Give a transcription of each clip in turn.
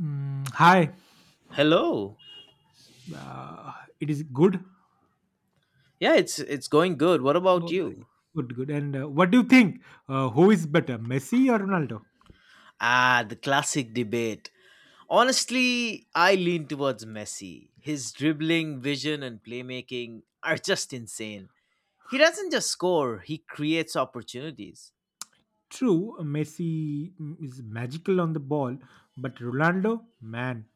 Hi. Hello. uh, it is good. Yeah, it's going good. What about Oh, you? good, good. And what do you think? Who is better, Messi or Ronaldo? Ah, the classic debate. Honestly, I lean towards Messi. His dribbling, vision and playmaking are just insane. He doesn't just score, he creates opportunities. True, Messi is magical on the ball, but Ronaldo, man,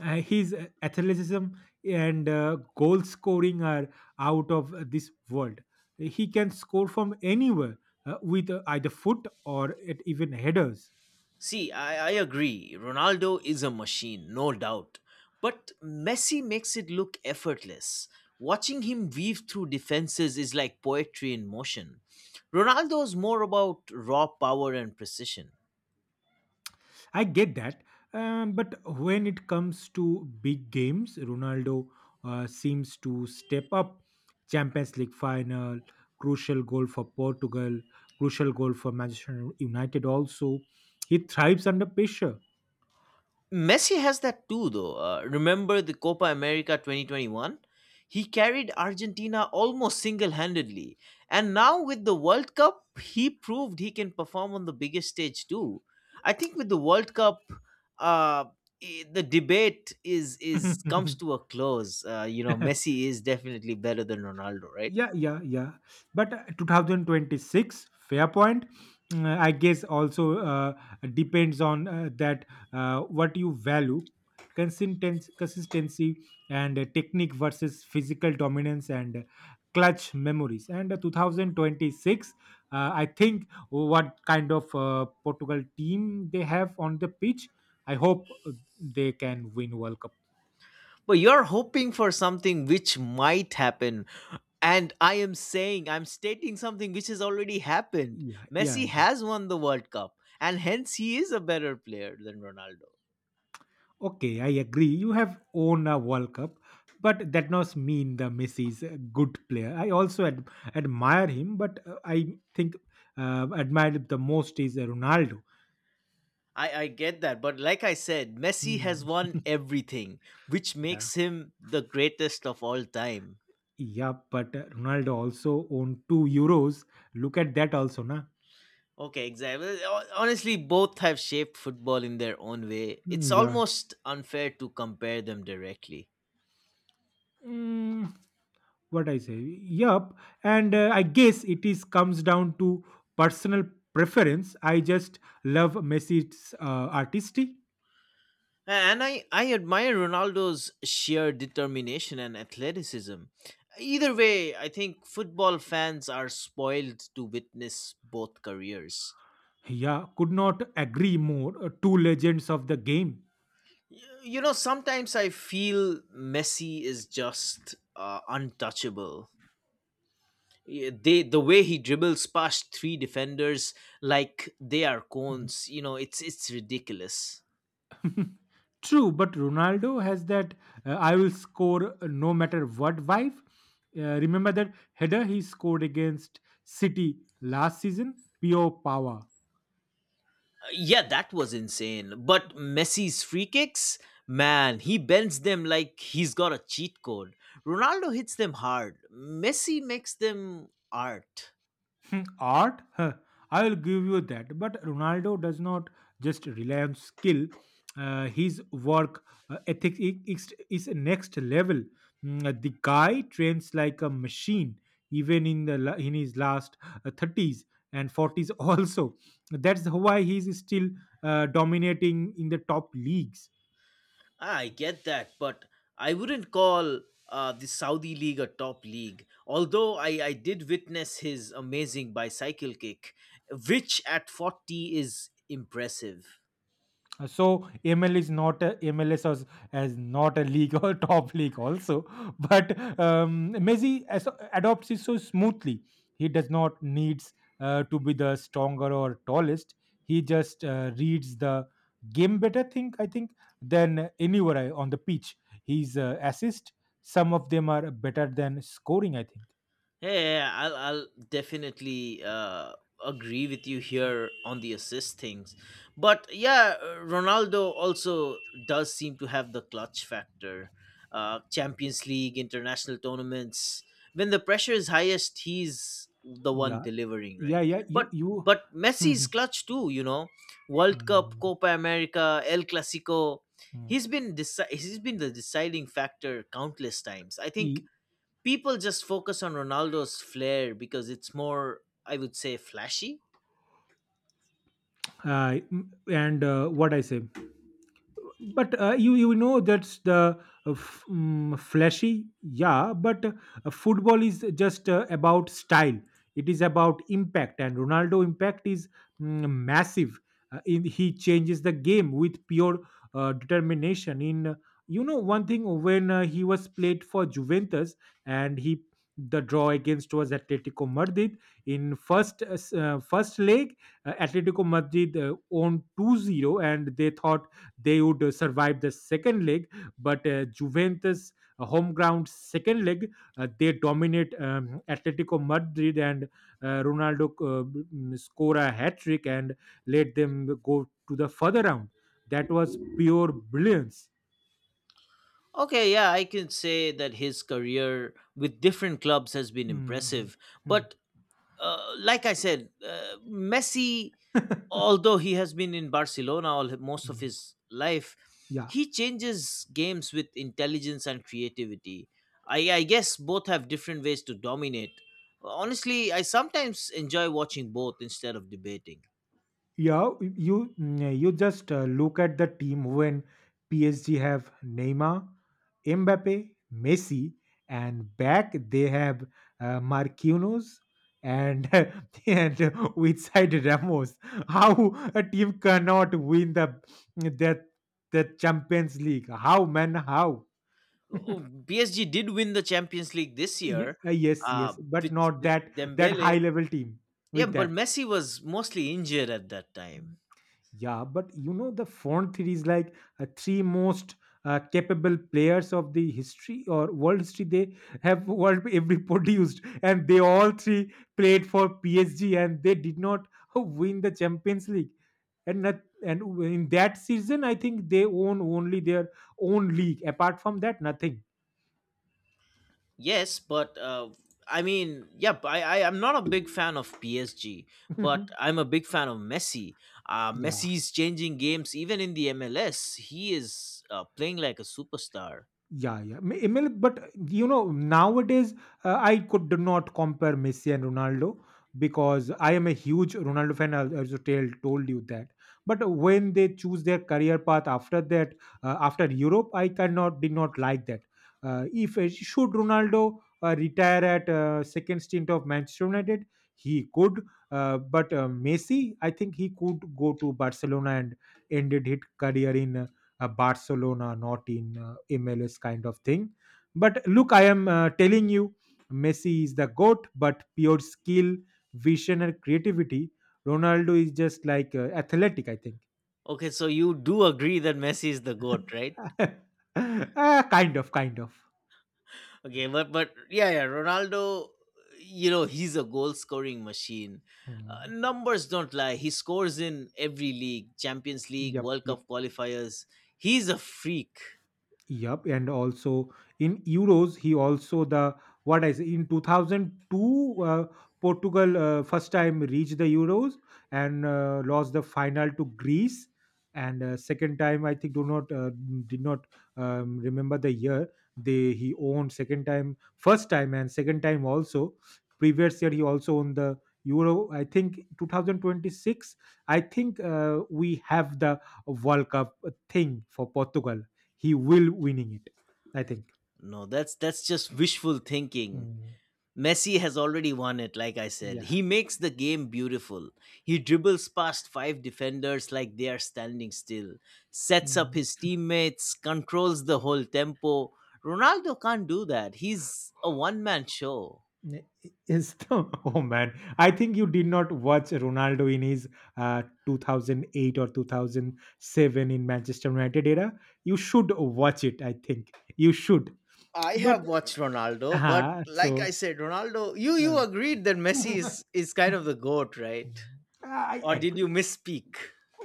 his athleticism and goal scoring are out of this world. He can score from anywhere with either foot or it even headers. See, I agree. Ronaldo is a machine, no doubt. But Messi makes it look effortless. Watching him weave through defenses is like poetry in motion. Ronaldo is more about raw power and precision. I get that, but when it comes to big games, Ronaldo seems to step up. Champions League final, crucial goal for Portugal, crucial goal for Manchester United. Also, he thrives under pressure. Messi has that too, though. Remember the Copa America 2021? He carried Argentina almost single handedly. And now with the World Cup, he proved he can perform on the biggest stage too. I think with the World Cup, uh, the debate is comes to a close. You know, Messi is definitely better than Ronaldo, right? Yeah, yeah, yeah. But 2026, fair point. I guess also depends on that what you value consistency and technique versus physical dominance and clutch memories. And 2026, I think what kind of Portugal team they have on the pitch. I hope they can win World Cup. But you're hoping for something which might happen. And I am saying, I'm stating something which has already happened. Yeah, yeah, Messi yeah. has won the World Cup, and hence he is a better player than Ronaldo. Okay, I agree. You have won a World Cup, but that does mean the Messi is a good player. I also admire him, but I think admired the most is Ronaldo. I get that, but like I said, Messi has Hmm, won everything, which yeah, makes him the greatest of all time. yeah, but Ronaldo also won two Euros. Look at that also, na. Okay, exactly. Well, Honestly, both have shaped football in their own way. Hmm, It's yeah. almost unfair to compare them directly. Mm, what I say? Yup. And I guess it is comes down to personal preference. I just love Messi's artistry. And I admire Ronaldo's sheer determination and athleticism. Either way, I think football fans are spoiled to witness both careers. Yeah, could not agree more. Two legends of the game. Y- You know, sometimes I feel Messi is just untouchable. The way he dribbles past three defenders like they are Mhm. cones, you know, it's ridiculous. True, but Ronaldo has that I will score no matter what vibe. Remember that header he scored against City last season? Pure power. Yeah, that was insane. But Messi's free kicks, man, he bends them like he's got a cheat code. Ronaldo hits them hard. Messi makes them art. Hmm, art? Huh, I will give you that. But Ronaldo does not just rely on skill. His work ethic is next level. The guy trains like a machine, even in in his last thirties and forties. Also, that's why he's still dominating in the top leagues. I get that, but I wouldn't call the Saudi league a top league. Although I did witness his amazing bicycle kick, which at 40 is impressive. So ML is not a, MLS as not a league or top league also, but Messi adopts it so smoothly. He does not needs to be the stronger or tallest. He just reads the game better. Think I think than anywhere on the pitch. His assist, some of them are better than scoring. I think. Hey, I'll definitely agree with you here on the assist things, but yeah, Ronaldo also does seem to have the clutch factor. Champions League, international tournaments, when the pressure is highest, he's the one Yeah, delivering, yeah, right? yeah. You But you. Hmm, Messi's clutch too, you know, hmm, World Cup, hmm, Copa America, El Clasico. hmm. He's been deci- he's been the deciding factor countless times. I think E- people just focus on Ronaldo's flair because it's more, I would say, flashy. I- m- and What I say. But you know that's the flashy, yeah. But football is just about style. It is about impact, and Ronaldo impact is massive. In he changes the game with pure determination. In You know one thing when he was played for Juventus and he the draw against was Atletico Madrid in first leg Atletico Madrid owned 2-0, and they thought they would survive the second leg, but Juventus, home ground second leg, they dominate Atletico Madrid and Ronaldo score a hat trick and let them go to the further round. That was pure brilliance. Okay, yeah, I can say that his career with different clubs has been Mm, impressive. But like I said, Messi, mm. although he has been in Barcelona all most of Mm. his life, Yeah. he changes games with intelligence and creativity. I guess both have different ways to dominate. Honestly, I sometimes enjoy watching both instead of debating. Yeah, you just look at the team when PSG have Neymar, Mbappe, Messi, and back they have Marquinhos and and which side Ramos. How a team cannot win the the Champions League? How, man? How? Oh, PSG did win the Champions League this year Yes, uh, yes, but with, not with that Dembele. high level team Yeah, with but that. Messi was mostly injured at that time. Yeah, but you know the font three is like three most capable players of the history or world history. They have world every produced, and they all three played for PSG, and they did not win the Champions League. And not, and in that season, I think they own only their own league. Apart from that, nothing. Yes, but I mean, yeah, but I'm not a big fan of PSG, but I'm a big fan of Messi. Yeah. Messi's changing games even in the MLS. He is playing like a superstar. Yeah, yeah. But you know, nowadays I could not compare Messi and Ronaldo because I am a huge Ronaldo fan. I also told you that. But when they choose their career path after that, after Europe, I cannot did not like that. If should Ronaldo retire at second stint of Manchester United, he could. But Messi, I think he could go to Barcelona and ended his career in Barcelona, not in MLS kind of thing. But look, I am telling you, Messi is the goat, but pure skill, vision, and creativity. Ronaldo is just like athletic, I think. Okay, so you do agree that Messi is the goat, right? Ah, kind of, kind of. Okay, but yeah, yeah, Ronaldo, you know, he's a goal scoring machine. Hmm. Numbers don't lie. He scores in every league, Champions League, Yep, World yep. Cup qualifiers. He's a freak. Yup, and also in euros, he also the what I say in 2002, Portugal first time reached the euros and lost the final to Greece, and second time I think do not did not remember the year they he owned second time first time and second time also previous year he also owned the euro. I think 2026. I think we have the world cup thing for Portugal, he will winning it. I think. No, that's just wishful thinking. Mm, Messi has already won it, like I said. yeah. He makes the game beautiful. He dribbles past five defenders like they are standing still, sets up Mm. his teammates, controls the whole tempo. Ronaldo can't do that. He's a one man show. N- Is the oh, man? I think you did not watch Ronaldo in his 2008 or 2007 in Manchester United era. You should watch it. I think you should. I But have watched Ronaldo, but uh, like I so said, Ronaldo, you uh, you agreed that Messi is kind of the goat, right? I Or did agree. you misspeak?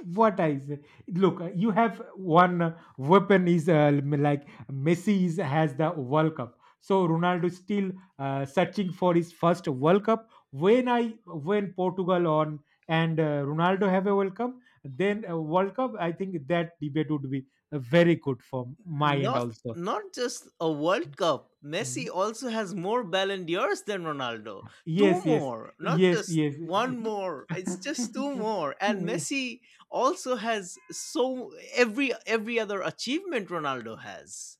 What I say. Look, you have one weapon is like Messi has the World Cup. So Ronaldo is still searching for his first World Cup. When Portugal on and Ronaldo have a World Cup, then a World Cup. I think that debate would be very good from my end Not also. not just a World Cup. Messi Mhm. also has more Ballon d'Ors than Ronaldo. Two Yes, yes, more, not yes, just yes. one more. It's just two more. And Messi also has so every other achievement Ronaldo has.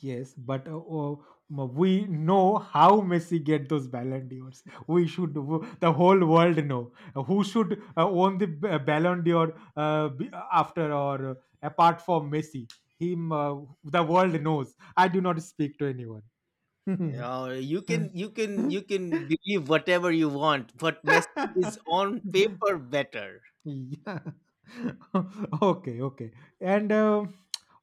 Yes, but we know how Messi get those Ballon d'Ors. The whole world know. Who should own the Ballon d'Or after or apart from Messi. Him, the world knows. I do not speak to anyone. You know, you can believe whatever you want, but Messi is on paper better. Yeah. Okay, okay. And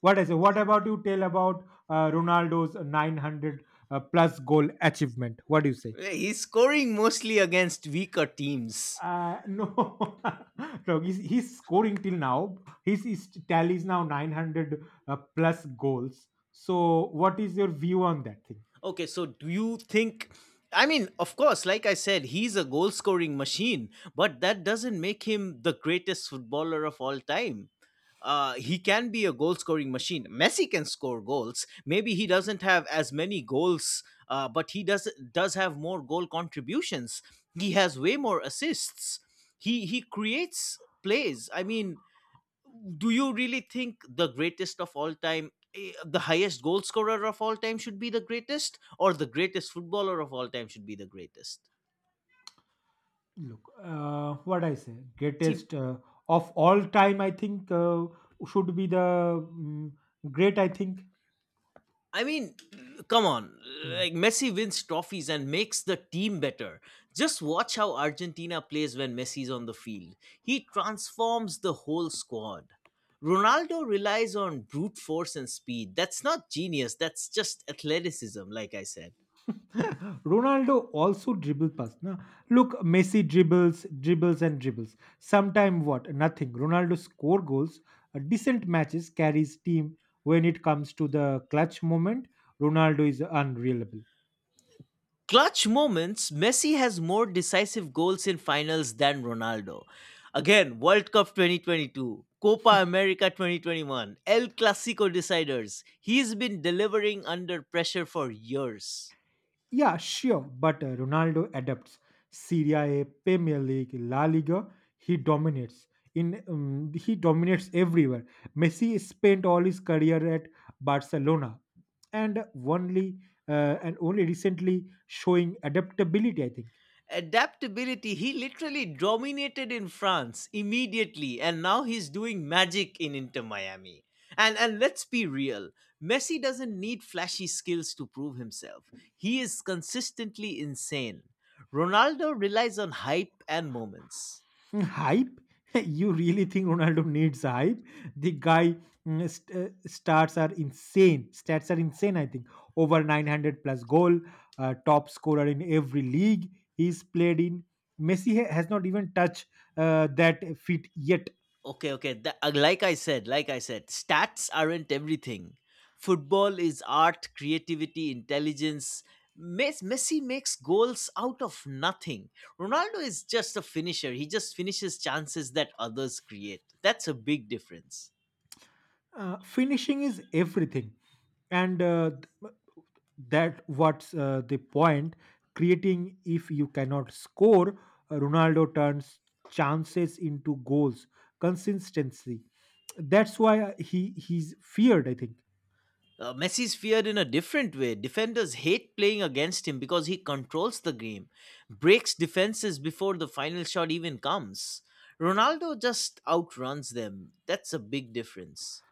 what is it? What about you tell about Ronaldo's 900 plus goal achievement? What do you say? He's scoring mostly against weaker teams. No, no, he's scoring till now. His tally is now 900 plus goals. So, what is your view on that thing? Okay, so do you think? I mean, of course, like I said, he's a goal scoring machine, but that doesn't make him the greatest footballer of all time. He can be a goal scoring machine. Messi can score goals. Maybe he doesn't have as many goals, but he does have more goal contributions. He has way more assists. He creates plays. I mean, do you really think the greatest of all time the highest goal scorer of all time should be the greatest or the greatest footballer of all time should be the greatest? Look, what I say, see greatest of all time, I think, should be the mm, great, I think. i mean come on Hmm. like Messi wins trophies and makes the team better. Just watch how Argentina plays when Messi's on the field. He transforms the whole squad. Ronaldo relies on brute force and speed. That's not genius, that's just athleticism, like I said. Ronaldo also dribble pass. Na? Look, Messi dribbles, dribbles and dribbles. Sometime what? Nothing. Ronaldo score goals, decent matches, carries team. When it comes to the clutch moment, Ronaldo is unreliable. Clutch moments, Messi has more decisive goals in finals than Ronaldo. Again, World Cup 2022, Copa America 2021, El Clasico deciders. He's been delivering under pressure for years. Yeah, sure. But Ronaldo adapts. Serie A, Premier League, La Liga, he dominates. In He dominates everywhere. Messi spent all his career at Barcelona, and only and only recently showing adaptability. I think. Adaptability, he literally dominated in France immediately, and now he's doing magic in Inter Miami. And Let's be real, Messi doesn't need flashy skills to prove himself. He is consistently insane. Ronaldo relies on hype and moments. Mm, hype? You really think Ronaldo needs hype? The guy stats are insane. Stats are insane. I think over 900 plus goal, top scorer in every league he's played in. Messi has not even touched that feat yet. Okay, like I said, stats aren't everything. Football is art, creativity, intelligence. Messi makes goals out of nothing. Ronaldo is just a finisher. He just finishes chances that others create. That's a big difference. Finishing is everything and that what's the point creating if you cannot score. Ronaldo turns chances into goals, consistency, that's why he's feared, I think. Messi's feared in a different way. Defenders hate playing against him because he controls the game, breaks defenses before the final shot even comes. Ronaldo just outruns them. That's a big difference.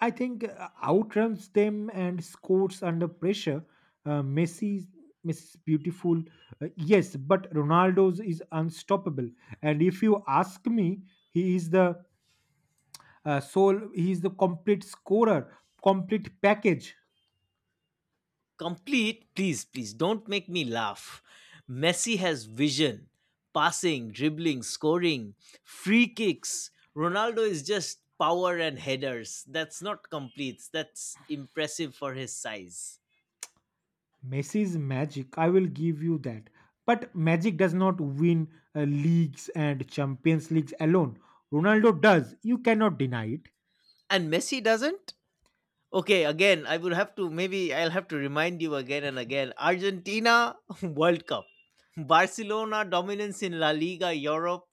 I think outruns them and scores under pressure. uh, messi Messi's beautiful, yes, but Ronaldo's is unstoppable. And if you ask me, he is the he is the complete scorer, complete package. Complete, please please don't make me laugh. Messi has vision, passing, dribbling, scoring, free kicks. Ronaldo is just power and headers. That's not complete, that's impressive for his size. Messi's magic, I will give you that. But magic does not win leagues and Champions Leagues alone. Ronaldo does. You cannot deny it. And Messi doesn't. Okay, again, I would have to, maybe I'll have to remind you again and again, Argentina World Cup, Barcelona dominance in La Liga, Europe.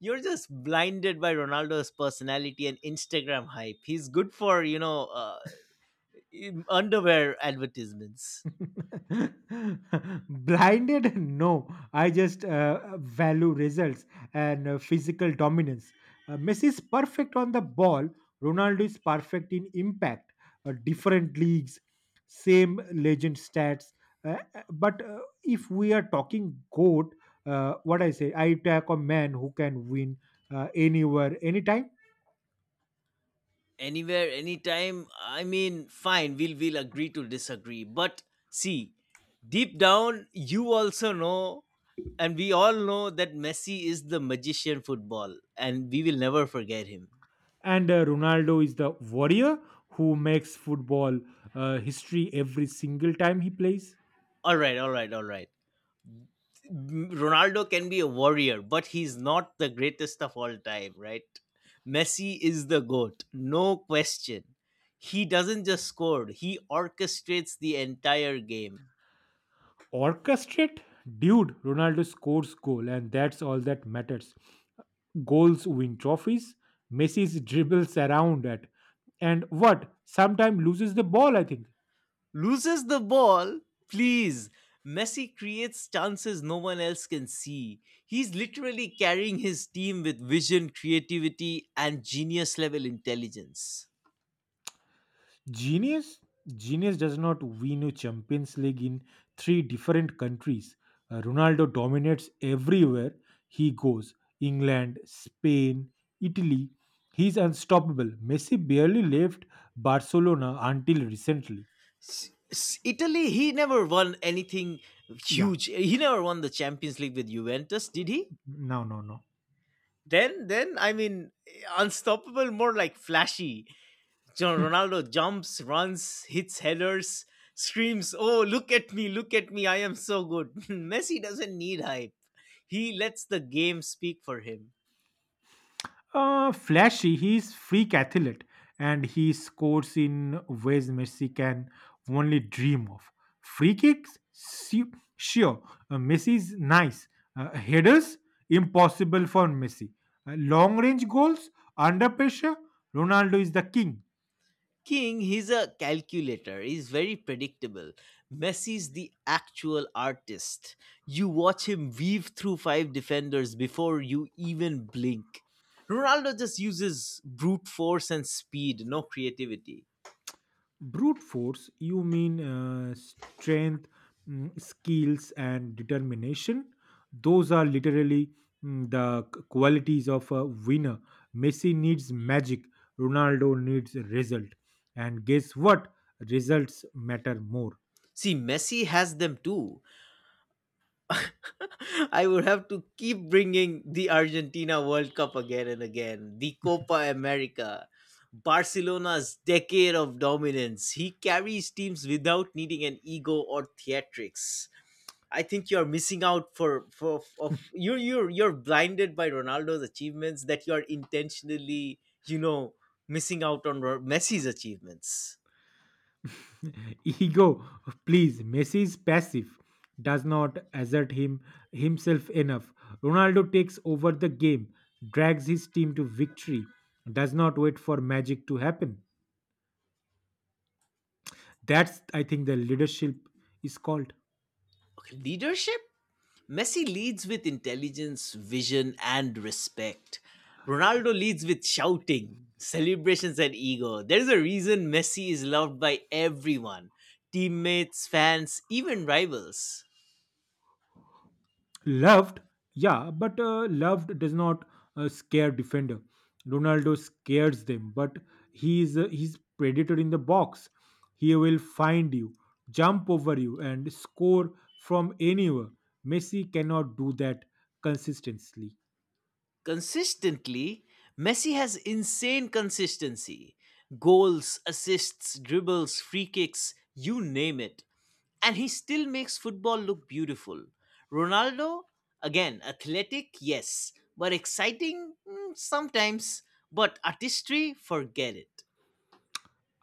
You're just blinded by Ronaldo's personality and Instagram hype. He's good for, you know, underwear advertisements. Blinded? No, I just value results and physical dominance. Messi is perfect on the ball. Ronaldo is perfect in impact. Different leagues, same legend stats. But If we are talking goat, what I say, I attack a man who can win anywhere, anytime. Anywhere, anytime. I mean, fine. We'll agree to disagree. But see, deep down, you also know, and we all know that Messi is the magician football, and we will never forget him. And Ronaldo is the warrior who makes football history every single time he plays. All right, all right, all right. Ronaldo can be a warrior, but he's not the greatest of all time, right? Messi is the GOAT, no question. He doesn't just score, he orchestrates the entire game. Orchestrate? Dude, Ronaldo scores goal and that's all that matters. Goals win trophies. Messi's dribbles around at and what? Sometimes loses the ball, I think. Loses the ball, please. Messi creates chances no one else can see. He's literally carrying his team with vision, creativity, and genius level intelligence. Genius? Genius does not win a Champions League in three different countries. Ronaldo dominates everywhere he goes England, Spain, Italy. He's unstoppable. Messi barely left Barcelona until recently. Italy, he never won anything Yeah, huge. He never won the Champions League with Juventus, did he? no, no, no. Then, I mean, unstoppable, more like flashy. John Ronaldo jumps, runs, hits headers, screams, "Oh, look at me! Look at me! I am so good." Messi doesn't need hype. He lets the game speak for him. Flashy, he's freak athlete and he scores in ways Messi can only dream of. Free kicks, sure. Messi's nice. Headers, impossible for Messi. Long range goals, under pressure, Ronaldo is the king. King, he's a calculator. He's very predictable. Messi's the actual artist. You watch him weave through five defenders before you even blink. Ronaldo just uses brute force and speed, no creativity. Brute force, you mean strength, skills and determination? Those are literally the qualities of a winner. Messi needs magic, Ronaldo needs result. And guess what? Results matter more. See, Messi has them too, I would have to keep bringing the Argentina World Cup again and again, the Copa America, Barcelona's decade of dominance. He carries teams without needing an ego or theatrics. I think you're missing out for of you're blinded by Ronaldo's achievements that you're intentionally, you know, missing out on Messi's achievements. Ego, please, Messi is passive, does not assert him himself enough. Ronaldo takes over the game, drags his team to victory, does not wait for magic to happen. That's, I think, the leadership is called. Okay, leadership. Messi leads with intelligence, vision, and respect. Ronaldo leads with shouting, celebrations, and ego. There is a reason Messi is loved by everyone, teammates, fans, even rivals. Loved, yeah, but loved does not scare defender. Ronaldo scares them, but he is he's predator in the box. He will find you, jump over you, and score from anywhere. Messi cannot do that consistently. Consistently, Messi has insane consistency, goals, assists, dribbles, free kicks, you name it. And he still makes football look beautiful. Ronaldo, again, athletic, yes, but exciting sometimes, but artistry, forget it.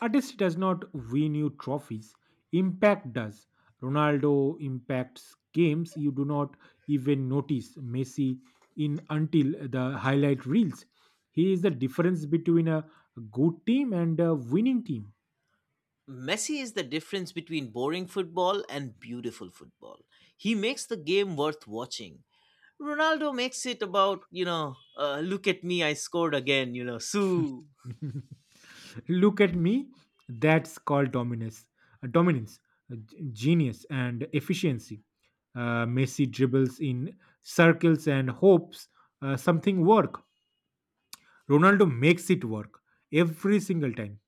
Artist does not win you trophies, impact does. Ronaldo impacts games you do not even notice. Messi in until the highlight reels. He is the difference between a good team and a winning team. Messi is the difference between boring football and beautiful football. He makes the game worth watching. Ronaldo makes it about, you know, look at me, I scored again, you know, Sue. Look at me. That's called dominance. Dominance, genius, and efficiency. Messi dribbles in circles and hopes something work. Ronaldo makes it work every single time.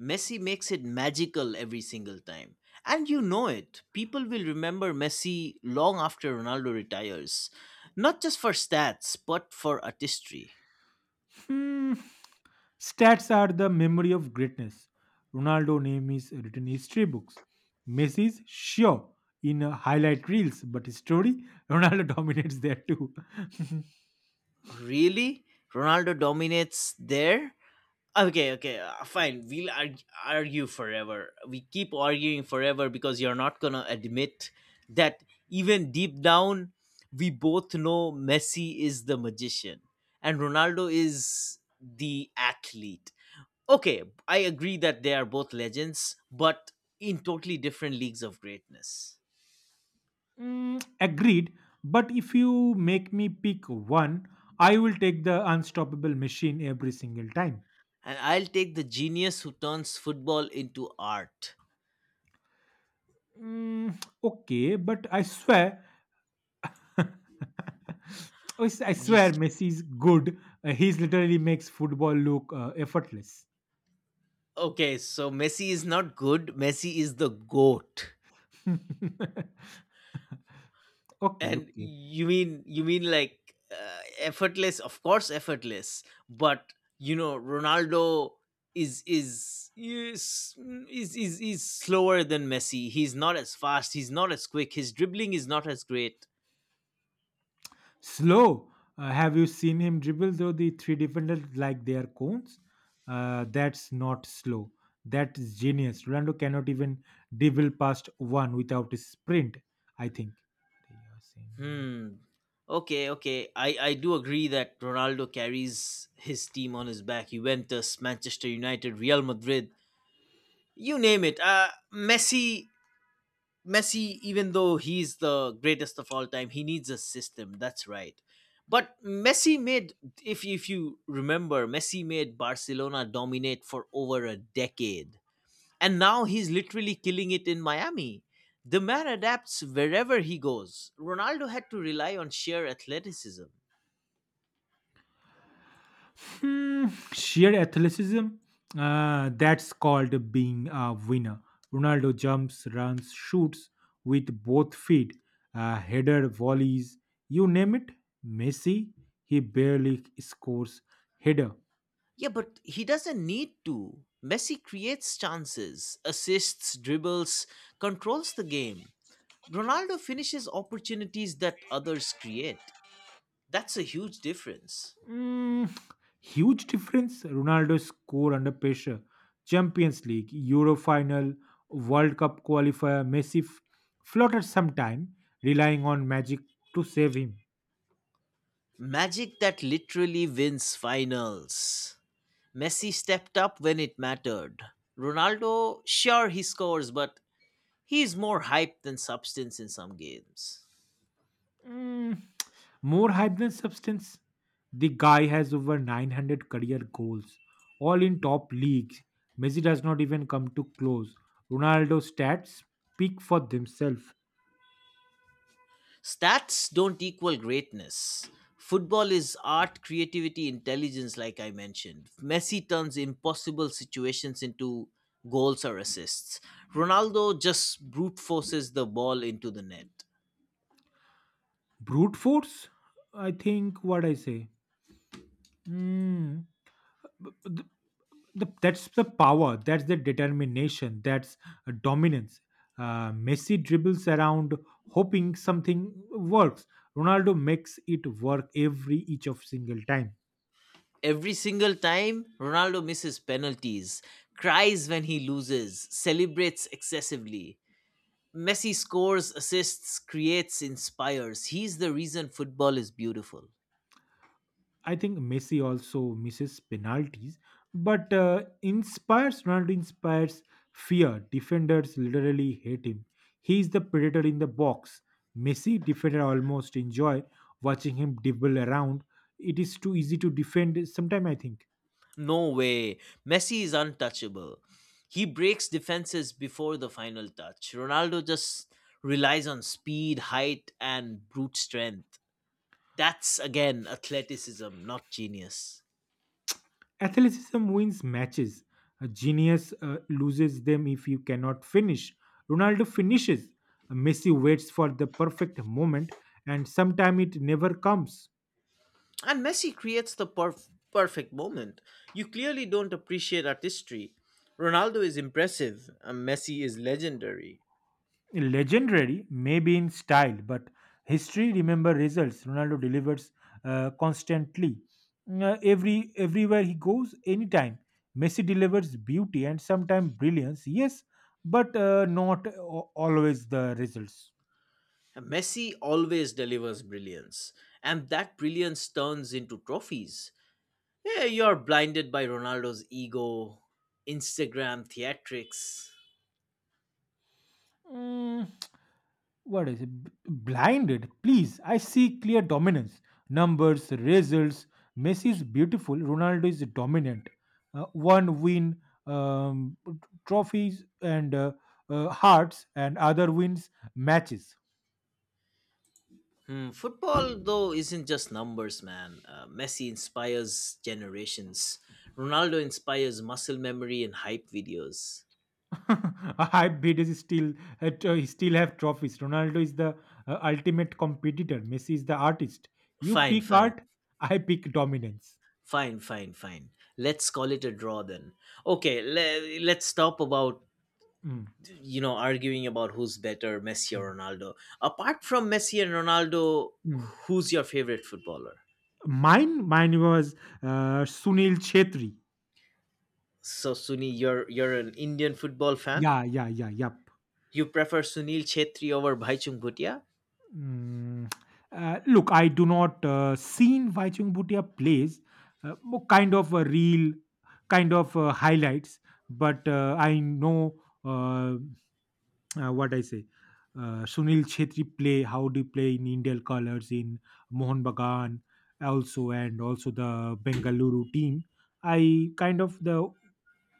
Messi makes it magical every single time. And you know it. People will remember Messi long after Ronaldo retires. Not just for stats, but for artistry. Hmm. Stats are the memory of greatness. Ronaldo name is written in history books. Messi is sure in highlight reels, but story Ronaldo dominates there too. Really? Ronaldo dominates there? Okay, fine. We'll argue forever. We keep arguing forever because you're not going to admit that even deep down, we both know Messi is the magician and Ronaldo is the athlete. Okay, I agree that they are both legends, but in totally different leagues of greatness. Mm, agreed. But if you make me pick one, I will take the unstoppable machine every single time. And I'll take the genius who turns football into art. Mm, okay, but I swear. Oh, I you swear, s- Messi's good. He's literally makes football look effortless. okay, so Messi is not good, Messi is the goat. Okay, okay. And you mean like effortless, of course, effortless. But you know Ronaldo is is is is slower than Messi. He's not as fast, he's not as quick, his dribbling is not as great. Slow. Have you seen him dribble though the three defenders like they are cones? That's not slow. That's genius. Ronaldo cannot even dribble past one without a sprint, I think. Hmm. Okay, okay. I do agree that Ronaldo carries his team on his back. Juventus, Manchester United, Real Madrid, you name it. Messi, even though he's the greatest of all time, he needs a system. That's right. But Messi made if you remember, Messi made Barcelona dominate for over a decade. And now he's literally killing it in Miami. The man adapts wherever he goes. Ronaldo had to rely on sheer athleticism. Hmm, sheer athleticism. That's called being a winner. Ronaldo jumps, runs, shoots with both feet, header, volleys, you name it. Messi, he barely scores header. Yeah, but he doesn't need to. Messi creates chances, assists, dribbles, controls the game. Ronaldo finishes opportunities that others create. That's a huge difference. Mm, huge difference. Ronaldo score under pressure. Champions League, Euro final, World Cup qualifier. Messi fluttered sometime, relying on magic to save him. Magic that literally wins finals. Messi stepped up when it mattered. Ronaldo, sure he scores, but he is more hype than substance in some games. Mm, more hype than substance. The guy has over 900 career goals, all in top leagues. Messi does not even come to close. Ronaldo's stats speak for themselves. Stats don't equal greatness. Football is art, creativity, intelligence, like I mentioned. Messi turns impossible situations into goals or assists. Ronaldo just brute forces the ball into the net. Brute force? I think what I say. Mm, the, that's the power. That's the determination. That's dominance. Messi dribbles around hoping something works. Ronaldo makes it work every each of single time. Every single time, Ronaldo misses penalties, cries when he loses, celebrates excessively. Messi scores, assists, creates, inspires. He's the reason football is beautiful. I think Messi also misses penalties, but inspires. Ronaldo inspires fear. Defenders literally hate him. He is the predator in the box. Messi defender almost enjoy watching him dribble around. It is too easy to defend. Sometime I think No way. Messi is untouchable. He breaks defenses before the final touch. Ronaldo just relies on speed, height, and brute strength. That's again athleticism, not genius. athleticism wins matches. A genius loses them if you cannot finish. Ronaldo finishes. Messi waits for the perfect moment, and sometime it never comes. And Messi creates the perfect moment. You clearly don't appreciate artistry. Ronaldo is impressive, and Messi is legendary. Legendary maybe in style, but history remember results. Ronaldo delivers constantly. Uh, every Everywhere he goes, anytime. Messi delivers beauty and sometimes brilliance, yes, but not a- always the results. And Messi always delivers brilliance, and that brilliance turns into trophies. Yeah, you're blinded by Ronaldo's ego, Instagram theatrics. Mm, what is it? Blinded? Please, I see clear dominance, numbers, results. Messi is beautiful, Ronaldo is dominant. One win, um, t- trophies, and hearts, and other wins, matches. Hmm, football, though, isn't just numbers, man. Messi inspires generations. Ronaldo inspires muscle memory and hype videos. I bet is still he still have trophies. Ronaldo is the ultimate competitor, Messi is the artist. You Fine, pick fine, art, I pick dominance. Fine. Let's call it a draw then. Okay, let's stop about, Mm, you know, arguing about who's better, Messi mm, or Ronaldo. Apart from Messi and Ronaldo, mm. who's your favorite footballer? Mine was Sunil Chetri. So Sunil, you're an Indian football fan. Yeah, yeah, yeah, yep. You prefer Sunil Chetri over Bhaichung Bhutia? Mm. Look, I do not seen Vaichung Bhutia plays kind of a real kind of highlights, but I know uh, what I say. Sunil Chetri play how they play in Indian colors in Mohun Bagan also, and also the Bengaluru team. I kind of the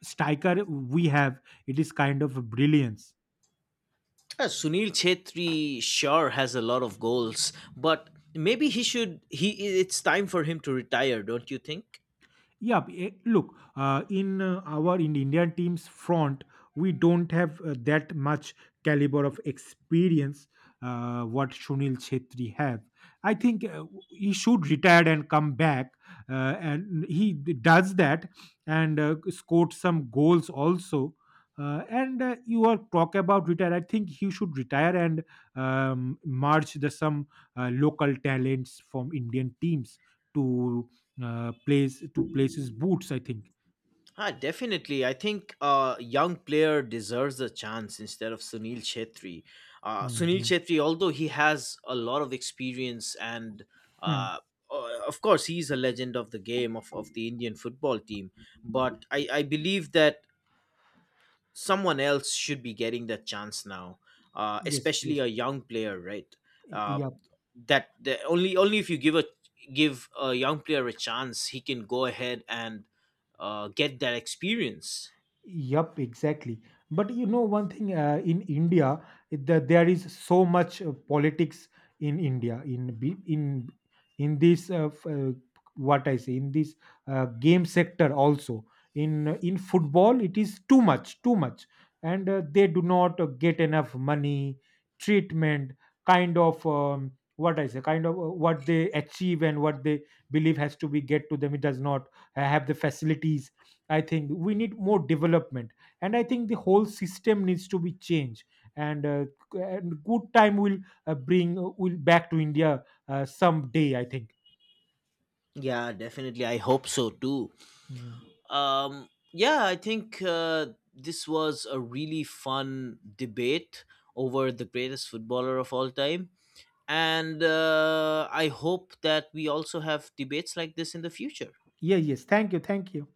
striker we have, it is kind of brilliance. Sunil Chetri sure has a lot of goals, but maybe he should. He, it's time for him to retire, don't you think? Yeah, look, in our in Indian team's front, we don't have that much caliber of experience what Shunil Chetri have. I think he should retire and come back, and he does that, and scored some goals also. And you are talk about retire. I think he should retire and merge the some local talents from Indian teams to place to place his boots, I think. Ah, definitely. I think a young player deserves a chance instead of Sunil Chetri. Sunil Mhm. Chetri, although he has a lot of experience and Hmm. uh, of course he's a legend of the game of the Indian football team, but I believe that someone else should be getting that chance now, Yes, especially yes. a young player, right? Y- Uh, yeah. Only if you give a young player a chance, he can go ahead and get that experience. Yup, exactly. But you know one thing, in India, that there is so much politics in India, in be- in this what I say, in this game sector also, in football, it is too much, and they do not get enough money treatment, kind of what I say, kind of what they achieve and what they believe has to be get to them. It does not have the facilities. I think we need more development, and I think the whole system needs to be changed. And, and good time will bring will back to India someday, I think. Yeah, definitely. I hope so too. Mm. Yeah, I think this was a really fun debate over the greatest footballer of all time. And I hope that we also have debates like this in the future. Yeah. Yes. Thank you. Thank you.